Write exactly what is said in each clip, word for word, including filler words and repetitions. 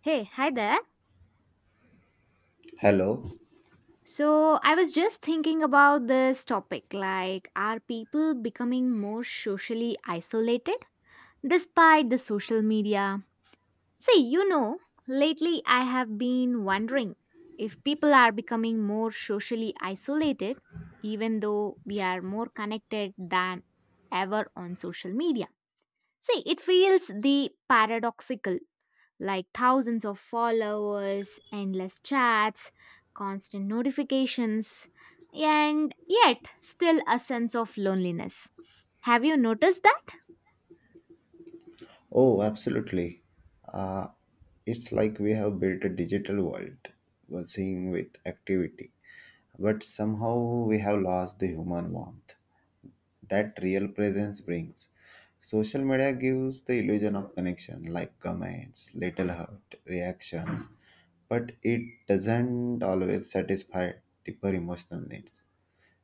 Hey, hi there. Hello. So, I was just thinking about this topic, like, are people becoming more socially isolated despite the social media? See, you know, lately I have been wondering if people are becoming more socially isolated, even though we are more connected than ever on social media. See, it feels the paradoxical like thousands of followers, endless chats, constant notifications, and yet still a sense of loneliness. Have you noticed that? Oh, absolutely. Uh, it's like we have built a digital world, buzzing with activity, but somehow we have lost the human warmth that real presence brings. Social media gives the illusion of connection, like comments, little hurt, reactions, but it doesn't always satisfy deeper emotional needs.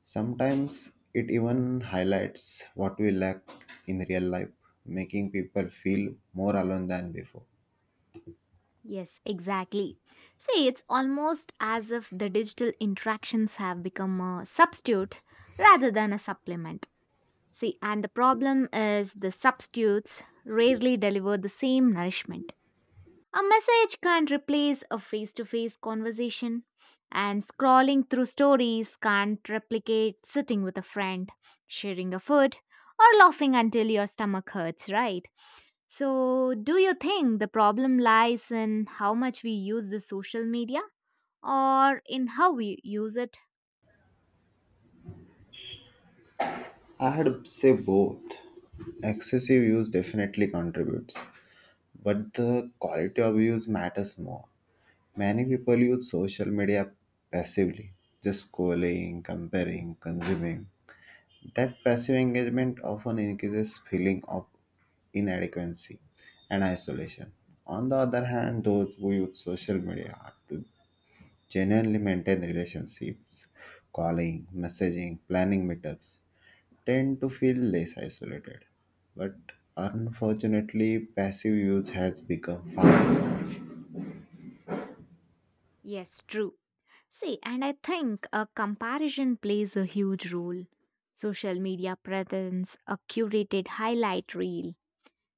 Sometimes it even highlights what we lack in real life, making people feel more alone than before. Yes, exactly. See, it's almost as if the digital interactions have become a substitute rather than a supplement. See, and the problem is the substitutes rarely deliver the same nourishment. A message can't replace a face to face conversation, and scrolling through stories can't replicate sitting with a friend, sharing a food, or laughing until your stomach hurts, right? So, do you think the problem lies in how much we use the social media or in how we use it? I had say both. Excessive use definitely contributes, but the quality of use matters more. Many people use social media passively, just scrolling, comparing, consuming. That passive engagement often increases feeling of inadequacy and isolation. On the other hand, those who use social media to genuinely maintain relationships, calling, messaging, planning meetups, tend to feel less isolated. But unfortunately, passive use has become far. Yes, true. See, and I think a comparison plays a huge role. Social media presents a curated highlight reel.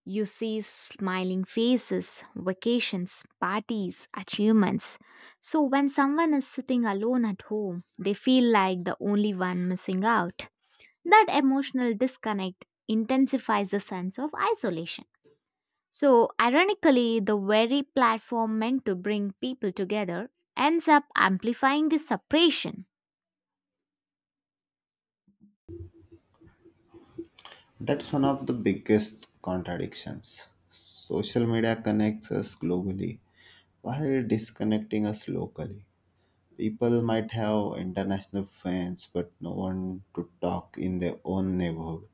You see smiling faces, vacations, parties, achievements. So when someone is sitting alone at home, they feel like the only one missing out. That emotional disconnect intensifies the sense of isolation. So, ironically, the very platform meant to bring people together ends up amplifying the separation. That's one of the biggest contradictions. Social media connects us globally while disconnecting us locally. People might have international fans, but no one to talk in their own neighborhood.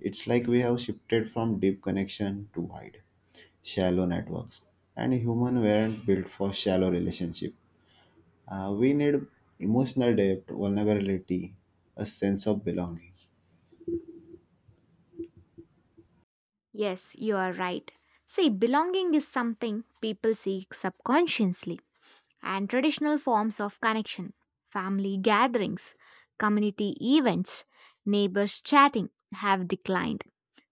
It's like we have shifted from deep connection to wide, shallow networks. And human weren't built for shallow relationship. Uh, we need emotional depth, vulnerability, a sense of belonging. Yes, you are right. See, belonging is something people seek subconsciously, and traditional forms of connection, family gatherings, community events, neighbors chatting, have declined.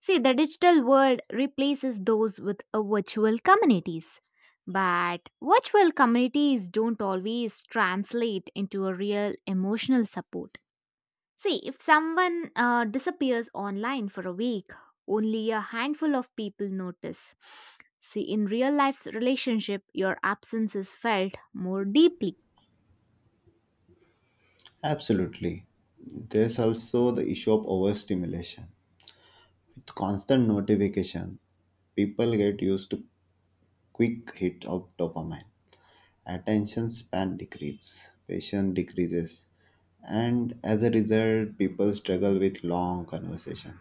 See, the digital world replaces those with a virtual communities. But virtual communities don't always translate into a real emotional support. See, if someone uh, disappears online for a week, only a handful of people notice. See, in real life relationship, your absence is felt more deeply. Absolutely. There's also the issue of overstimulation. With constant notification, people get used to quick hit of dopamine, attention span decreases, patience decreases, and as a result, people struggle with long conversation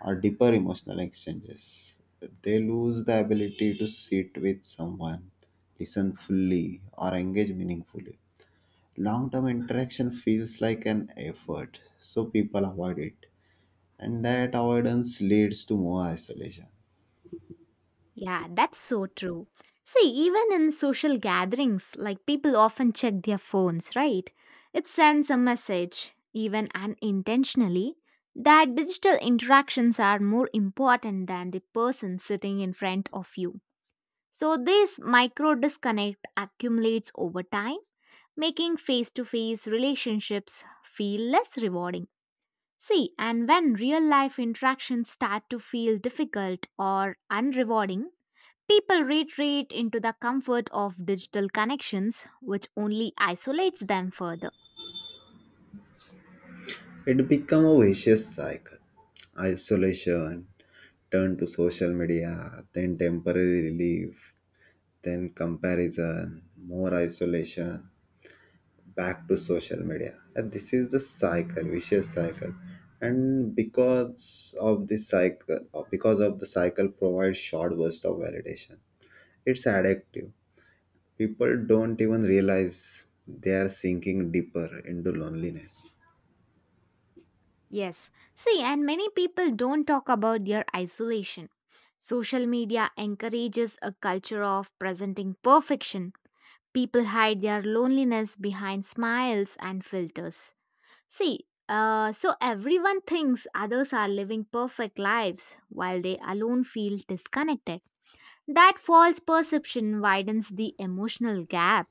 or deeper emotional exchanges. They lose the ability to sit with someone, listen fully, or engage meaningfully. Long term interaction feels like an effort, so people avoid it, and that avoidance leads to more isolation. Yeah, that's so true. See, even in social gatherings, like people often check their phones, right? It sends a message, even unintentionally, that digital interactions are more important than the person sitting in front of you. So, this micro disconnect accumulates over time, making face to face relationships feel less rewarding. See, and when real life interactions start to feel difficult or unrewarding, people retreat into the comfort of digital connections, which only isolates them further. It become a vicious cycle. Isolation, turn to social media, then temporary relief, then comparison, more isolation, back to social media. And this is the cycle, vicious cycle. And because of this cycle, or because of the cycle provides short burst of validation, it's addictive. People don't even realize they are sinking deeper into loneliness. Yes, see, and many people don't talk about their isolation. Social media encourages a culture of presenting perfection. People hide their loneliness behind smiles and filters. See, uh, so everyone thinks others are living perfect lives while they alone feel disconnected. That false perception widens the emotional gap.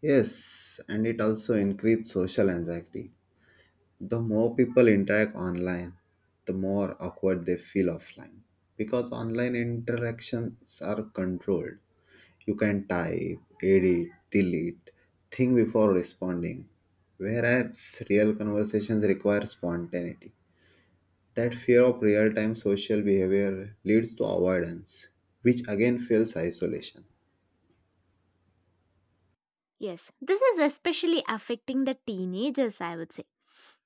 Yes, and it also increases social anxiety. The more people interact online, the more awkward they feel offline. Because online interactions are controlled. You can type, edit, delete, think before responding. Whereas real conversations require spontaneity. That fear of real time social behavior leads to avoidance, which again fuels isolation. Yes, this is especially affecting the teenagers, I would say.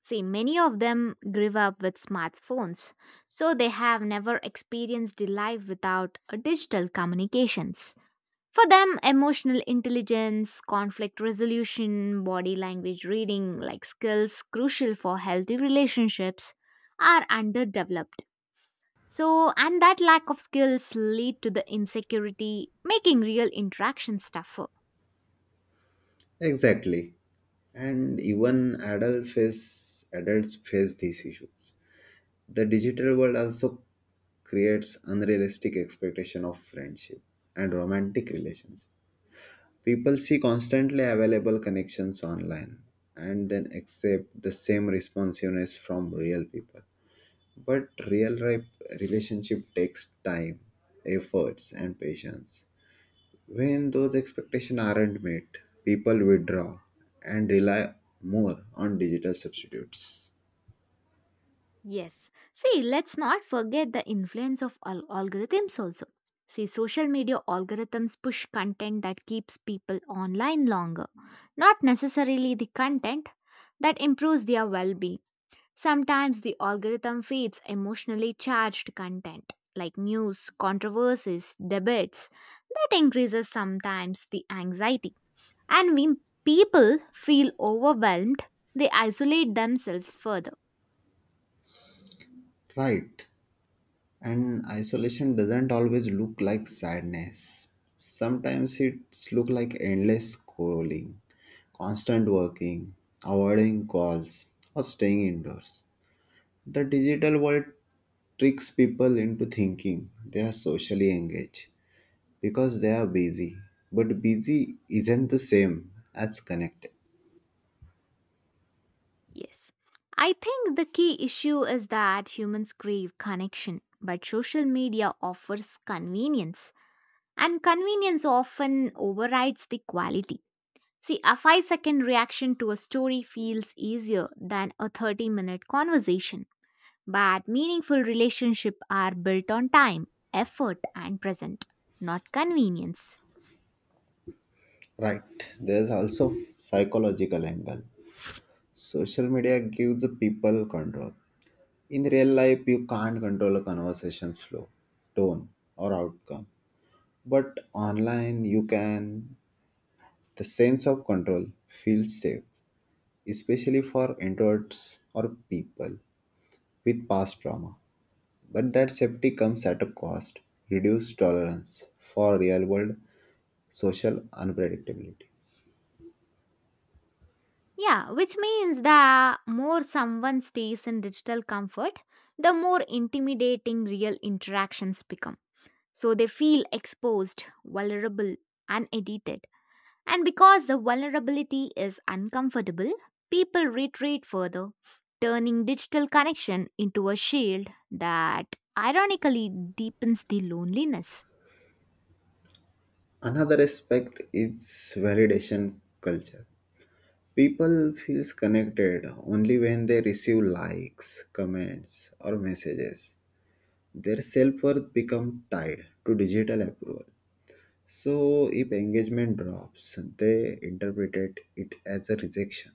See, many of them grew up with smartphones, so they have never experienced the life without uh, digital communications. For them, emotional intelligence, conflict resolution, body language reading, like skills crucial for healthy relationships, are underdeveloped. So, and that lack of skills lead to the insecurity, making real interactions tougher. Exactly. And even adult face, adults face these issues. The digital world also creates unrealistic expectation of friendship and romantic relations. People see constantly available connections online and then accept the same responsiveness from real people. But real life relationship takes time, efforts and patience. When those expectations aren't met, people withdraw and rely more on digital substitutes. Yes. See, let's not forget the influence of al- algorithms also. See, social media algorithms push content that keeps people online longer, not necessarily the content that improves their well being. Sometimes the algorithm feeds emotionally charged content like news, controversies, debates that increases sometimes the anxiety. And when people feel overwhelmed, they isolate themselves further. Right. And isolation doesn't always look like sadness. Sometimes it's look like endless scrolling, constant working, avoiding calls, or staying indoors. The digital world tricks people into thinking they are socially engaged because they are busy. But busy isn't the same as connected. Yes. I think the key issue is that humans crave connection, but social media offers convenience, and convenience often overrides the quality. See, a five second reaction to a story feels easier than a thirty minute conversation, but meaningful relationships are built on time, effort, and present, not convenience. Right. There's also psychological angle. Social media gives people control. In real life, you can't control a conversation's flow, tone, or outcome. But online, you can. The sense of control feels safe, especially for introverts or people with past trauma. But that safety comes at a cost, reduced tolerance for real world social unpredictability. Yeah, which means the more someone stays in digital comfort, the more intimidating real interactions become. So they feel exposed, vulnerable, unedited. And because the vulnerability is uncomfortable, people retreat further, turning digital connection into a shield that ironically deepens the loneliness. Another aspect is validation culture. People feels connected only when they receive likes, comments, or messages. Their self-worth become tied to digital approval. So if engagement drops, they interpreted it as a rejection,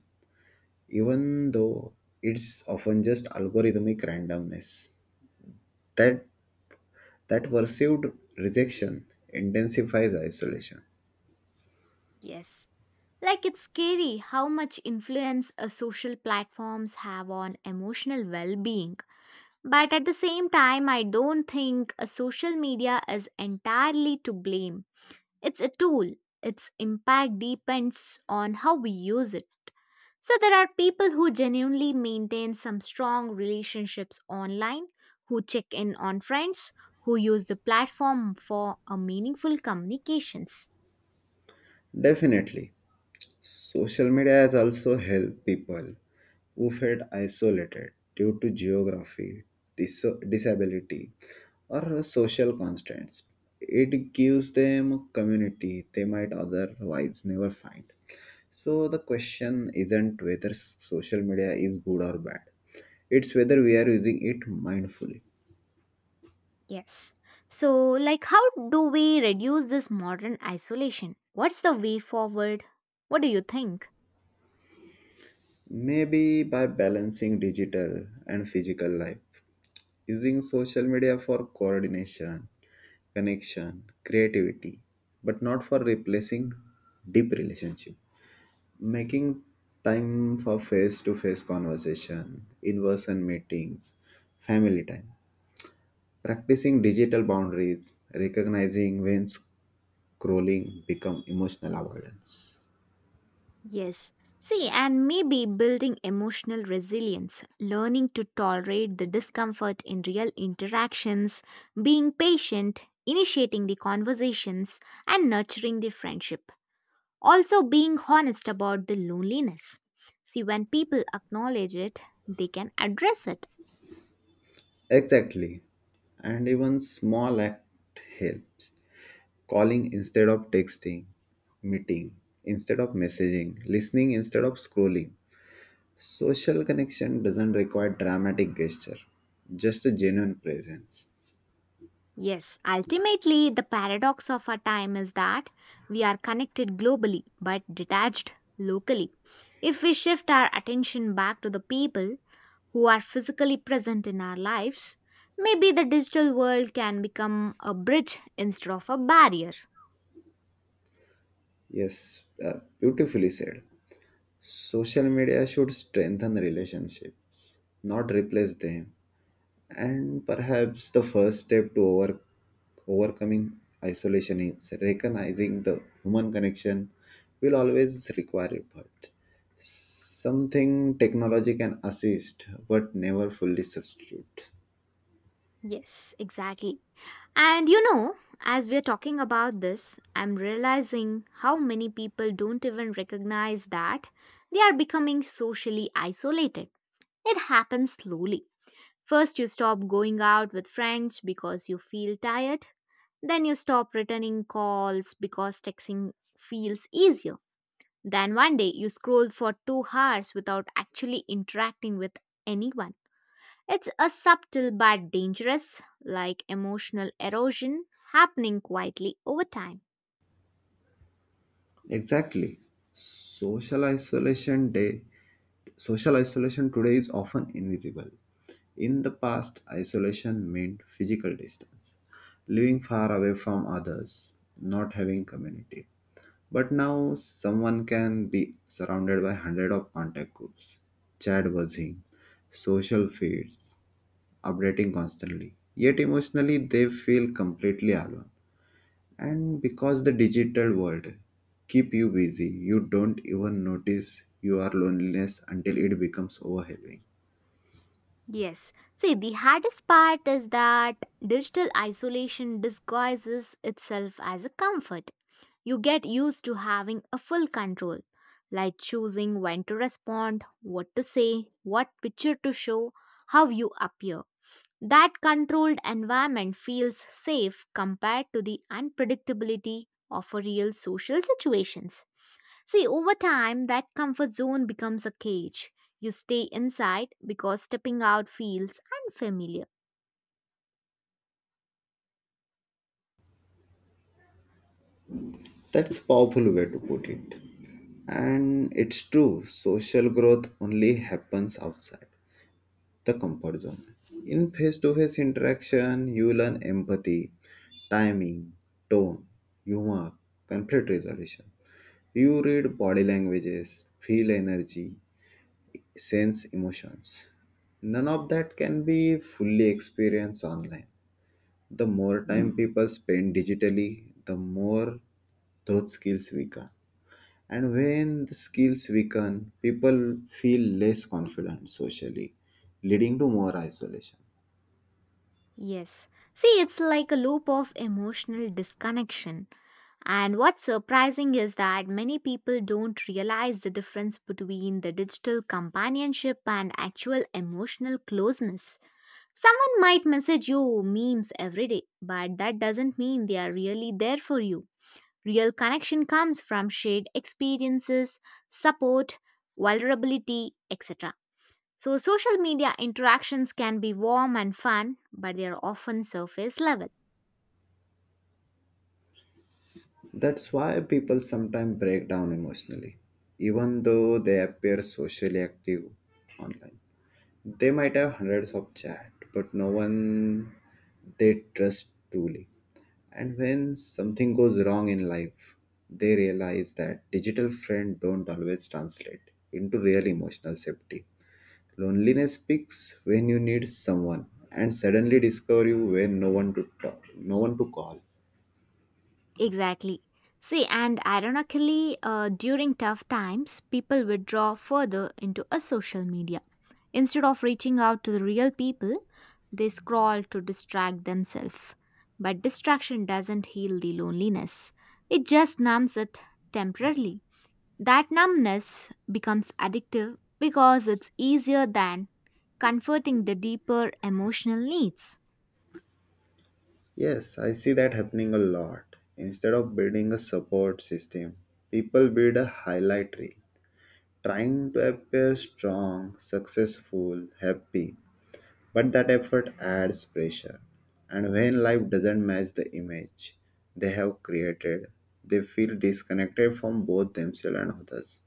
even though it's often just algorithmic randomness. That that perceived rejection intensifies isolation. Yes. Like it's scary how much influence a social platforms have on emotional well-being. But at the same time, I don't think a social media is entirely to blame. It's a tool. Its impact depends on how we use it. So there are people who genuinely maintain some strong relationships online, who check in on friends, who use the platform for a meaningful communications. Definitely. Social media has also helped people who felt isolated due to geography, dis- disability, or social constraints. It gives them a community they might otherwise never find. So, the question isn't whether s- social media is good or bad, it's whether we are using it mindfully. Yes. So like how do we reduce this modern isolation? What's the way forward? What do you think? Maybe by balancing digital and physical life, using social media for coordination, connection, creativity, but not for replacing deep relationship. Making time for face to face conversation, in person meetings, family time, practicing digital boundaries, recognizing when scrolling become emotional avoidance. Yes. See, and maybe building emotional resilience, learning to tolerate the discomfort in real interactions, being patient, initiating the conversations, and nurturing the friendship. Also, being honest about the loneliness. See, when people acknowledge it, they can address it. Exactly. And even small act helps. Calling instead of texting, meeting instead of messaging, listening instead of scrolling. Social connection doesn't require dramatic gesture, just a genuine presence. Yes, ultimately, the paradox of our time is that we are connected globally but detached locally. If we shift our attention back to the people who are physically present in our lives, maybe the digital world can become a bridge instead of a barrier. Yes, uh, beautifully said. Social media should strengthen relationships, not replace them. And perhaps the first step to over, overcoming isolation is recognizing the human connection will always require effort. Something technology can assist but never fully substitute. Yes, exactly. And you know, as we're talking about this, I'm realizing how many people don't even recognize that they are becoming socially isolated. It happens slowly. First, you stop going out with friends because you feel tired. Then, you stop returning calls because texting feels easier. Then one day you scroll for two hours without actually interacting with anyone. It's a subtle but dangerous, like, emotional erosion happening quietly over time. Exactly. Social isolation day Social isolation today is often invisible. In the past, isolation meant physical distance, living far away from others, not having community. But now someone can be surrounded by hundred of contact groups, chat buzzing, social feeds, updating constantly. Yet emotionally they feel completely alone, and because the digital world keep you busy, you don't even notice your loneliness until it becomes overwhelming. Yes. See, the hardest part is that digital isolation disguises itself as a comfort. You get used to having a full control, like choosing when to respond, what to say, what picture to show, how you appear. That controlled environment feels safe compared to the unpredictability of a real social situations. See, over time, that comfort zone becomes a cage. You stay inside because stepping out feels unfamiliar. That's a powerful way to put it, and it's true social growth only happens outside the comfort zone. In face-to-face interaction you learn empathy, timing, tone, humor, conflict resolution. You read body languages, feel energy, sense emotions. None of that can be fully experienced online. The more time people spend digitally, the more those skills weaken. And when the skills weaken, people feel less confident socially, leading to more isolation. Yes. See, it's like a loop of emotional disconnection. And what's surprising is that many people don't realize the difference between the digital companionship and actual emotional closeness. Someone might message you memes every day, but that doesn't mean they are really there for you. Real connection comes from shared experiences, support, vulnerability, et cetera. So, social media interactions can be warm and fun, but they are often surface level. That's why people sometimes break down emotionally, even though they appear socially active online. They might have hundreds of chat, but no one they trust truly. And when something goes wrong in life, they realize that digital friends don't always translate into real emotional safety. Loneliness peaks when you need someone and suddenly discover you when no one to talk, no one to call. Exactly. See, and ironically, uh, during tough times, people withdraw further into a social media. Instead of reaching out to the real people, they scroll to distract themselves. But distraction doesn't heal the loneliness, it just numbs it temporarily. That numbness becomes addictive because it's easier than comforting the deeper emotional needs. Yes, I see that happening a lot. Instead of building a support system, people build a highlight reel, trying to appear strong, successful, happy, but that effort adds pressure. And when life doesn't match the image they have created, they feel disconnected from both themselves and others.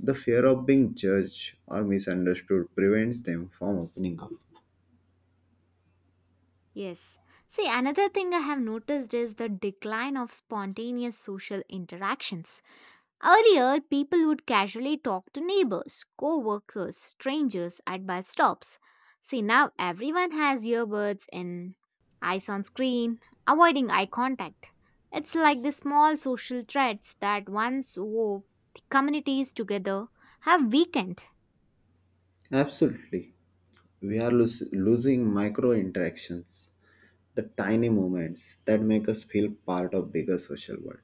The fear of being judged or misunderstood prevents them from opening up. Yes. See, another thing I have noticed is the decline of spontaneous social interactions. Earlier, people would casually talk to neighbors, co workers, strangers at bus stops. See, now everyone has earbuds and eyes on screen, avoiding eye contact. It's like the small social threads that once wove communities together have weakened. Absolutely. We are los- losing micro interactions, the tiny moments that make us feel part of bigger social world: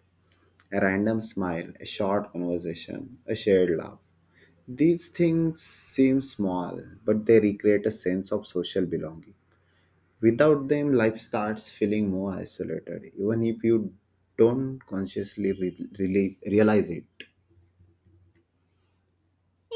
a random smile, a short conversation, a shared laugh. These things seem small, but they recreate a sense of social belonging. Without them, life starts feeling more isolated, even if you don't consciously re- really realize it.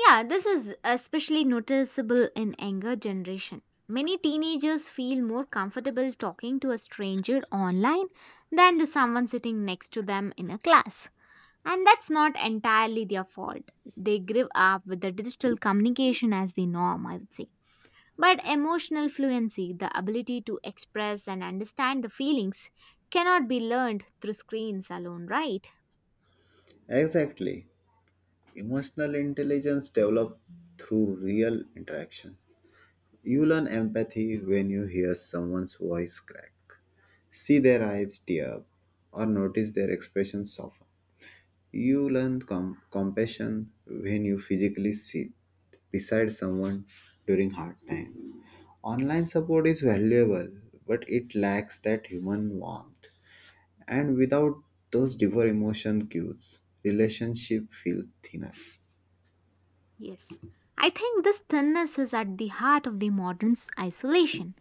Yeah, this is especially noticeable in younger generation. Many teenagers feel more comfortable talking to a stranger online than to someone sitting next to them in a class. And that's not entirely their fault. They grew up with the digital communication as the norm, I would say. But emotional fluency, the ability to express and understand the feelings, cannot be learned through screens alone, right? Exactly. Emotional intelligence developed through real interactions. You learn empathy when you hear someone's voice crack, see their eyes tear up, or notice their expression soften. You learn com- compassion when you physically sit beside someone during hard time. Online support is valuable, but it lacks that human warmth. And without those deeper emotion cues, relationship feel thinner. Yes. I think this thinness is at the heart of the modern isolation.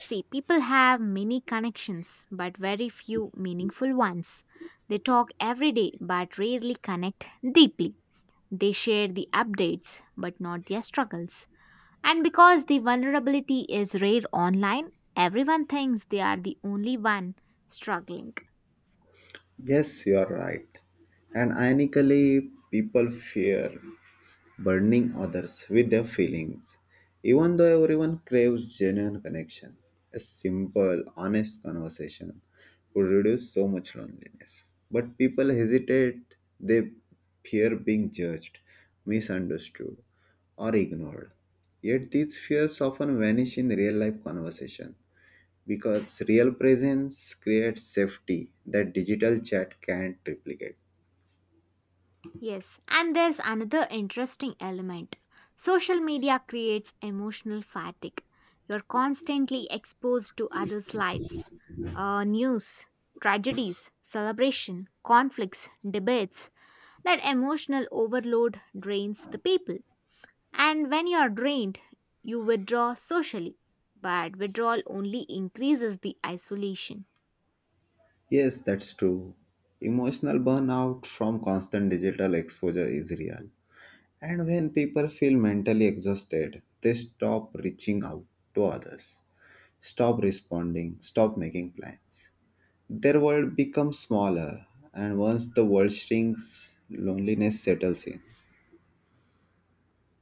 See, people have many connections, but very few meaningful ones. They talk every day, but rarely connect deeply. They share the updates, but not their struggles. And because the vulnerability is rare online, everyone thinks they are the only one struggling. Yes, you are right. And ironically, people fear burdening others with their feelings. Even though everyone craves genuine connection, a simple, honest conversation would reduce so much loneliness. But people hesitate, they fear being judged, misunderstood, or ignored. Yet these fears often vanish in real life conversation because real presence creates safety that digital chat can't replicate. Yes, and there's another interesting element. Social media creates emotional fatigue. You're constantly exposed to others' lives, uh, news, tragedies, celebration, conflicts, debates. That emotional overload drains the people. And when you're drained, you withdraw socially. But withdrawal only increases the isolation. Yes, that's true. Emotional burnout from constant digital exposure is real. And when people feel mentally exhausted, they stop reaching out to others, stop responding, stop making plans. Their world becomes smaller, and once the world shrinks, loneliness settles in.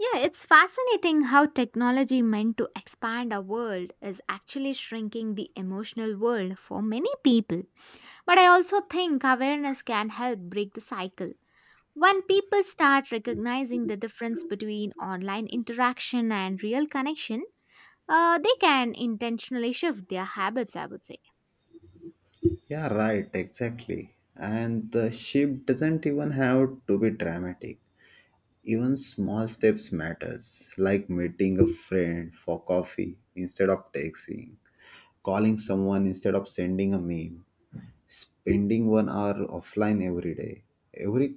Yeah, it's fascinating how technology meant to expand our world is actually shrinking the emotional world for many people. But I also think awareness can help break the cycle. When people start recognizing the difference between online interaction and real connection, uh, they can intentionally shift their habits, I would say. Yeah, right, exactly. And the shift doesn't even have to be dramatic. Even small steps matters, like meeting a friend for coffee instead of texting, calling someone instead of sending a meme, spending one hour offline every day, every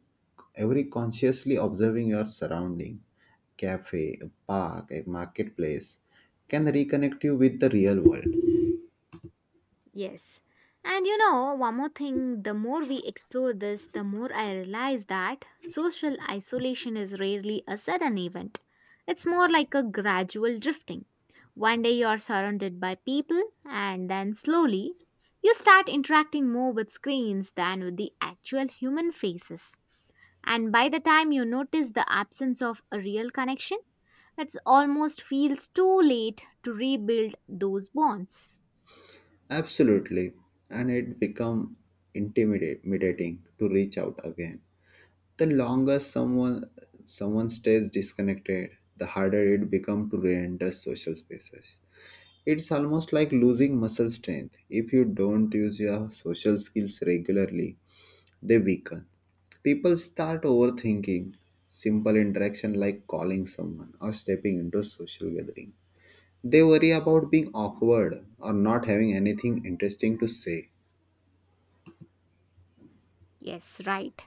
every consciously observing your surrounding, cafe, a park, a marketplace, can reconnect you with the real world. Yes. And you know, one more thing, the more we explore this, the more I realize that social isolation is rarely a sudden event. It's more like a gradual drifting. One day you're surrounded by people, and then slowly you start interacting more with screens than with the actual human faces. And by the time you notice the absence of a real connection, it almost feels too late to rebuild those bonds. Absolutely, and it become intimidating to reach out again. The longer someone someone stays disconnected, the harder it becomes to re-enter social spaces. It's almost like losing muscle strength. If you don't use your social skills regularly, they weaken. People start overthinking simple interaction like calling someone or stepping into a social gathering. They worry about being awkward or not having anything interesting to say. Yes, right.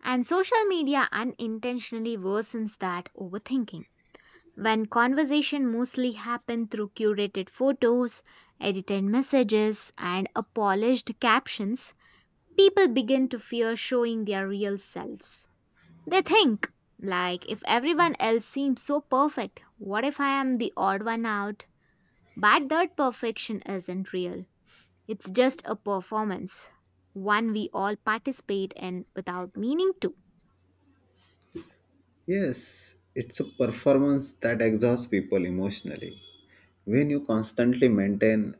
And social media unintentionally worsens that overthinking. When conversation mostly happen through curated photos, edited messages, and a polished captions, people begin to fear showing their real selves. They think, like, if everyone else seems so perfect, what if I am the odd one out? But that perfection isn't real. It's just a performance, one we all participate in without meaning to. Yes, it's a performance that exhausts people emotionally. When you constantly maintain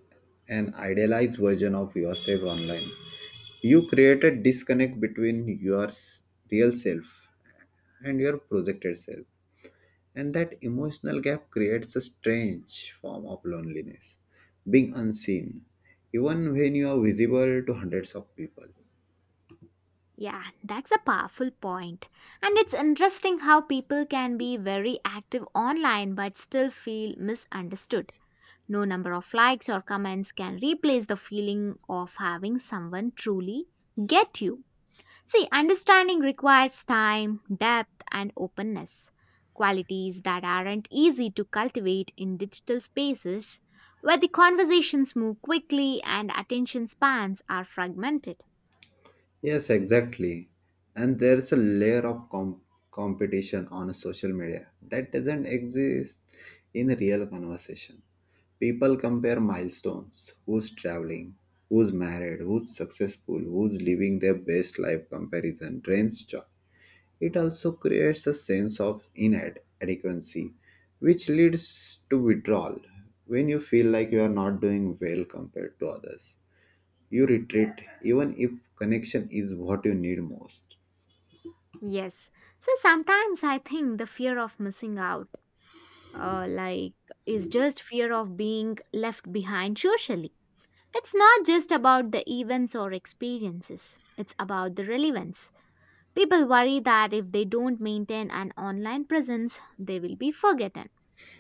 an idealized version of yourself online, you create a disconnect between your s- real self and your projected self. And that emotional gap creates a strange form of loneliness, being unseen, even when you are visible to hundreds of people. Yeah, that's a powerful point. And it's interesting how people can be very active online but still feel misunderstood. No number of likes or comments can replace the feeling of having someone truly get you. See, understanding requires time, depth, and openness. Qualities that aren't easy to cultivate in digital spaces where the conversations move quickly and attention spans are fragmented. Yes, exactly. And there's a layer of com- competition on social media that doesn't exist in real conversation. People compare milestones, who's traveling, who's married, who's successful, who's living their best life, comparison drains joy. It also creates a sense of inadequacy, which leads to withdrawal when you feel like you are not doing well compared to others. You retreat even if connection is what you need most. Yes. So sometimes I think the fear of missing out, uh, like, is just fear of being left behind socially. It's not just about the events or experiences, it's about the relevance. People worry that if they don't maintain an online presence, they will be forgotten.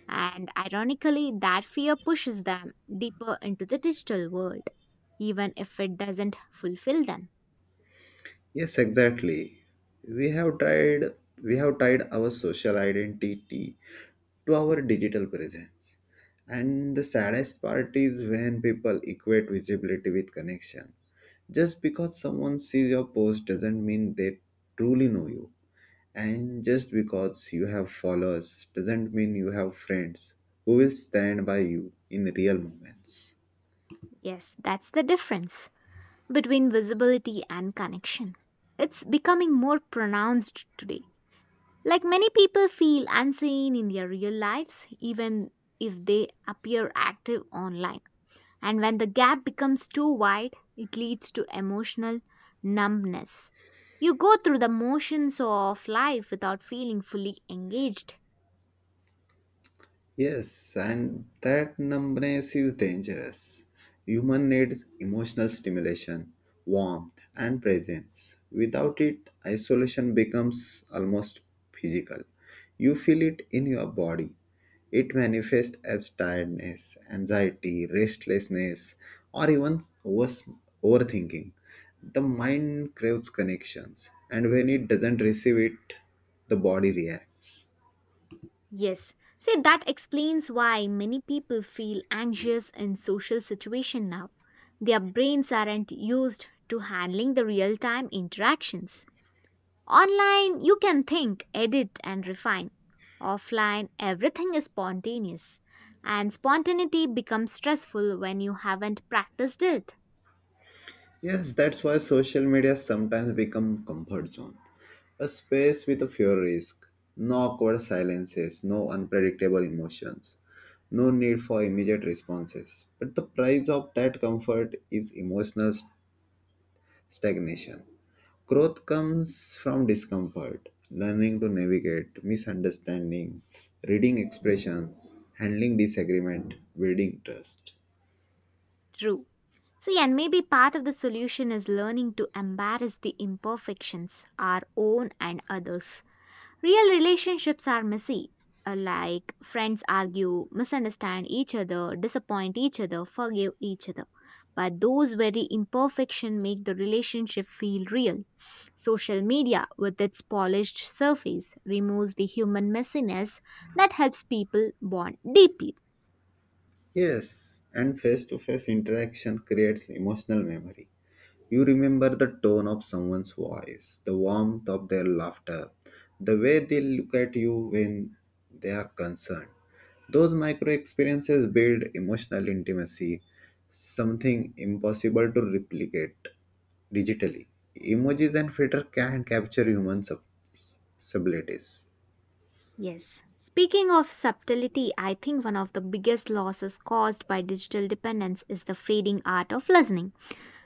And ironically, that fear pushes them deeper into the digital world, even if it doesn't fulfill them. Yes, exactly. We have tied we have tied our social identity to our digital presence. And the saddest part is when people equate visibility with connection. Just because someone sees your post doesn't mean they truly know you. And just because you have followers doesn't mean you have friends who will stand by you in real moments. Yes, that's the difference between visibility and connection. It's becoming more pronounced today. Like many people feel unseen in their real lives, even if they appear active online. And when the gap becomes too wide, it leads to emotional numbness. You go through the motions of life without feeling fully engaged. Yes, and that numbness is dangerous. Human needs emotional stimulation, warmth, and presence. Without it, isolation becomes almost physical. You feel it in your body. It manifests as tiredness, anxiety, restlessness, or even worse, overthinking. The mind craves connections, and when it doesn't receive it, the body reacts. Yes, see, that explains why many people feel anxious in social situation now. Their brains aren't used to handling the real-time interactions. Online, you can think, edit, and refine. Offline, everything is spontaneous, and spontaneity becomes stressful when you haven't practiced it. Yes, that's why social media sometimes become comfort zone. A space with a few risks, no awkward silences, no unpredictable emotions, no need for immediate responses. But the price of that comfort is emotional st- stagnation. Growth comes from discomfort, learning to navigate misunderstanding, reading expressions, handling disagreement, building trust. True. See, and maybe part of the solution is learning to embrace the imperfections, our own and others. Real relationships are messy, uh, like friends argue, misunderstand each other, disappoint each other, forgive each other. But those very imperfection make the relationship feel real. Social media, with its polished surface, removes the human messiness that helps people bond deeply. Yes, and face to face interaction creates emotional memory. You remember the tone of someone's voice, the warmth of their laughter, the way they look at you when they are concerned. Those micro experiences build emotional intimacy, something impossible to replicate digitally. Emojis and filter can capture human sub- subtleties. Yes. Speaking of subtlety, I think one of the biggest losses caused by digital dependence is the fading art of listening.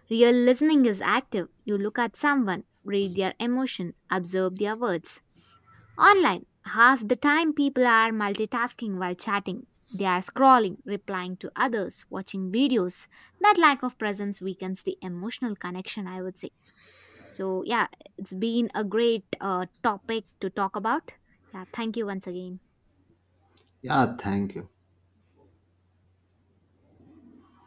Real listening is active. You look at someone, read their emotion, observe their words. Online, half the time people are multitasking while chatting. They are scrolling, replying to others, watching videos. That lack of presence weakens the emotional connection, I would say. So, yeah, it's been a great uh, topic to talk about. Yeah, thank you once again. Yeah, thank you.